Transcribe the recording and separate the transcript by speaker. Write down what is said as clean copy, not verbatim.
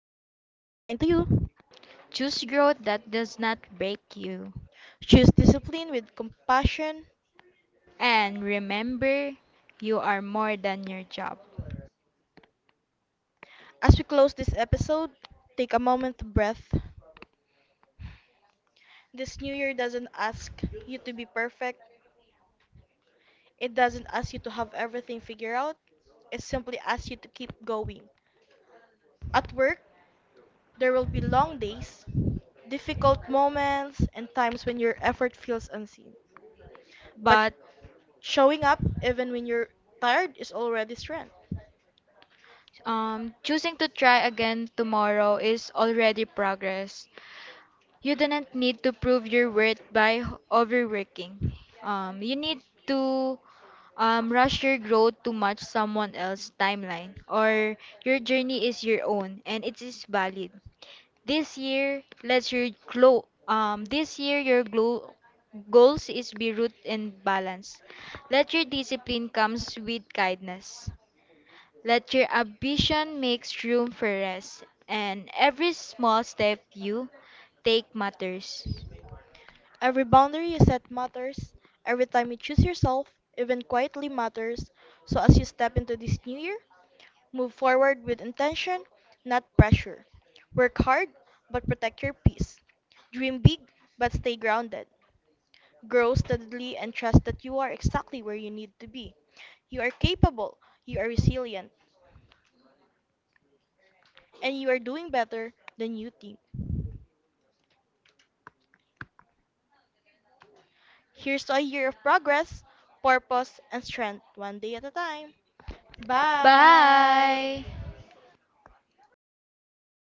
Speaker 1: to you.
Speaker 2: Choose growth that does not break you.
Speaker 1: Choose discipline with compassion.
Speaker 2: And remember, you are more than your job.
Speaker 1: As we close this episode, take a moment to breath. This new year doesn't ask you to be perfect. It doesn't ask you to have everything figured out. It simply asks you to keep going. At work, there will be long days, difficult moments, and times when your effort feels unseen. But
Speaker 2: But
Speaker 1: showing up even when you're tired is already strength.
Speaker 2: um, choosing to try again tomorrow is already progress. You do not need to prove your worth by overworking. You need to rush your growth to match someone else's timeline, or your journey is your own and it is valid. This year, let's your glow. This year your glow goals is be rooted in balance. Let your discipline comes with kindness. Let your ambition makes room for rest, and every small step you take matters.
Speaker 1: Every boundary you set matters. Every time you choose yourself, even quietly, matters. So as you step into this new year, move forward with intention, not pressure. Work hard, but protect your peace. Dream big, but stay grounded. Grow steadily and trust that you are exactly where you need to be. You are capable, you are resilient, and you are doing better than you think. Here's to a year of progress, purpose, and strength, one day at a time. Bye!
Speaker 2: Bye.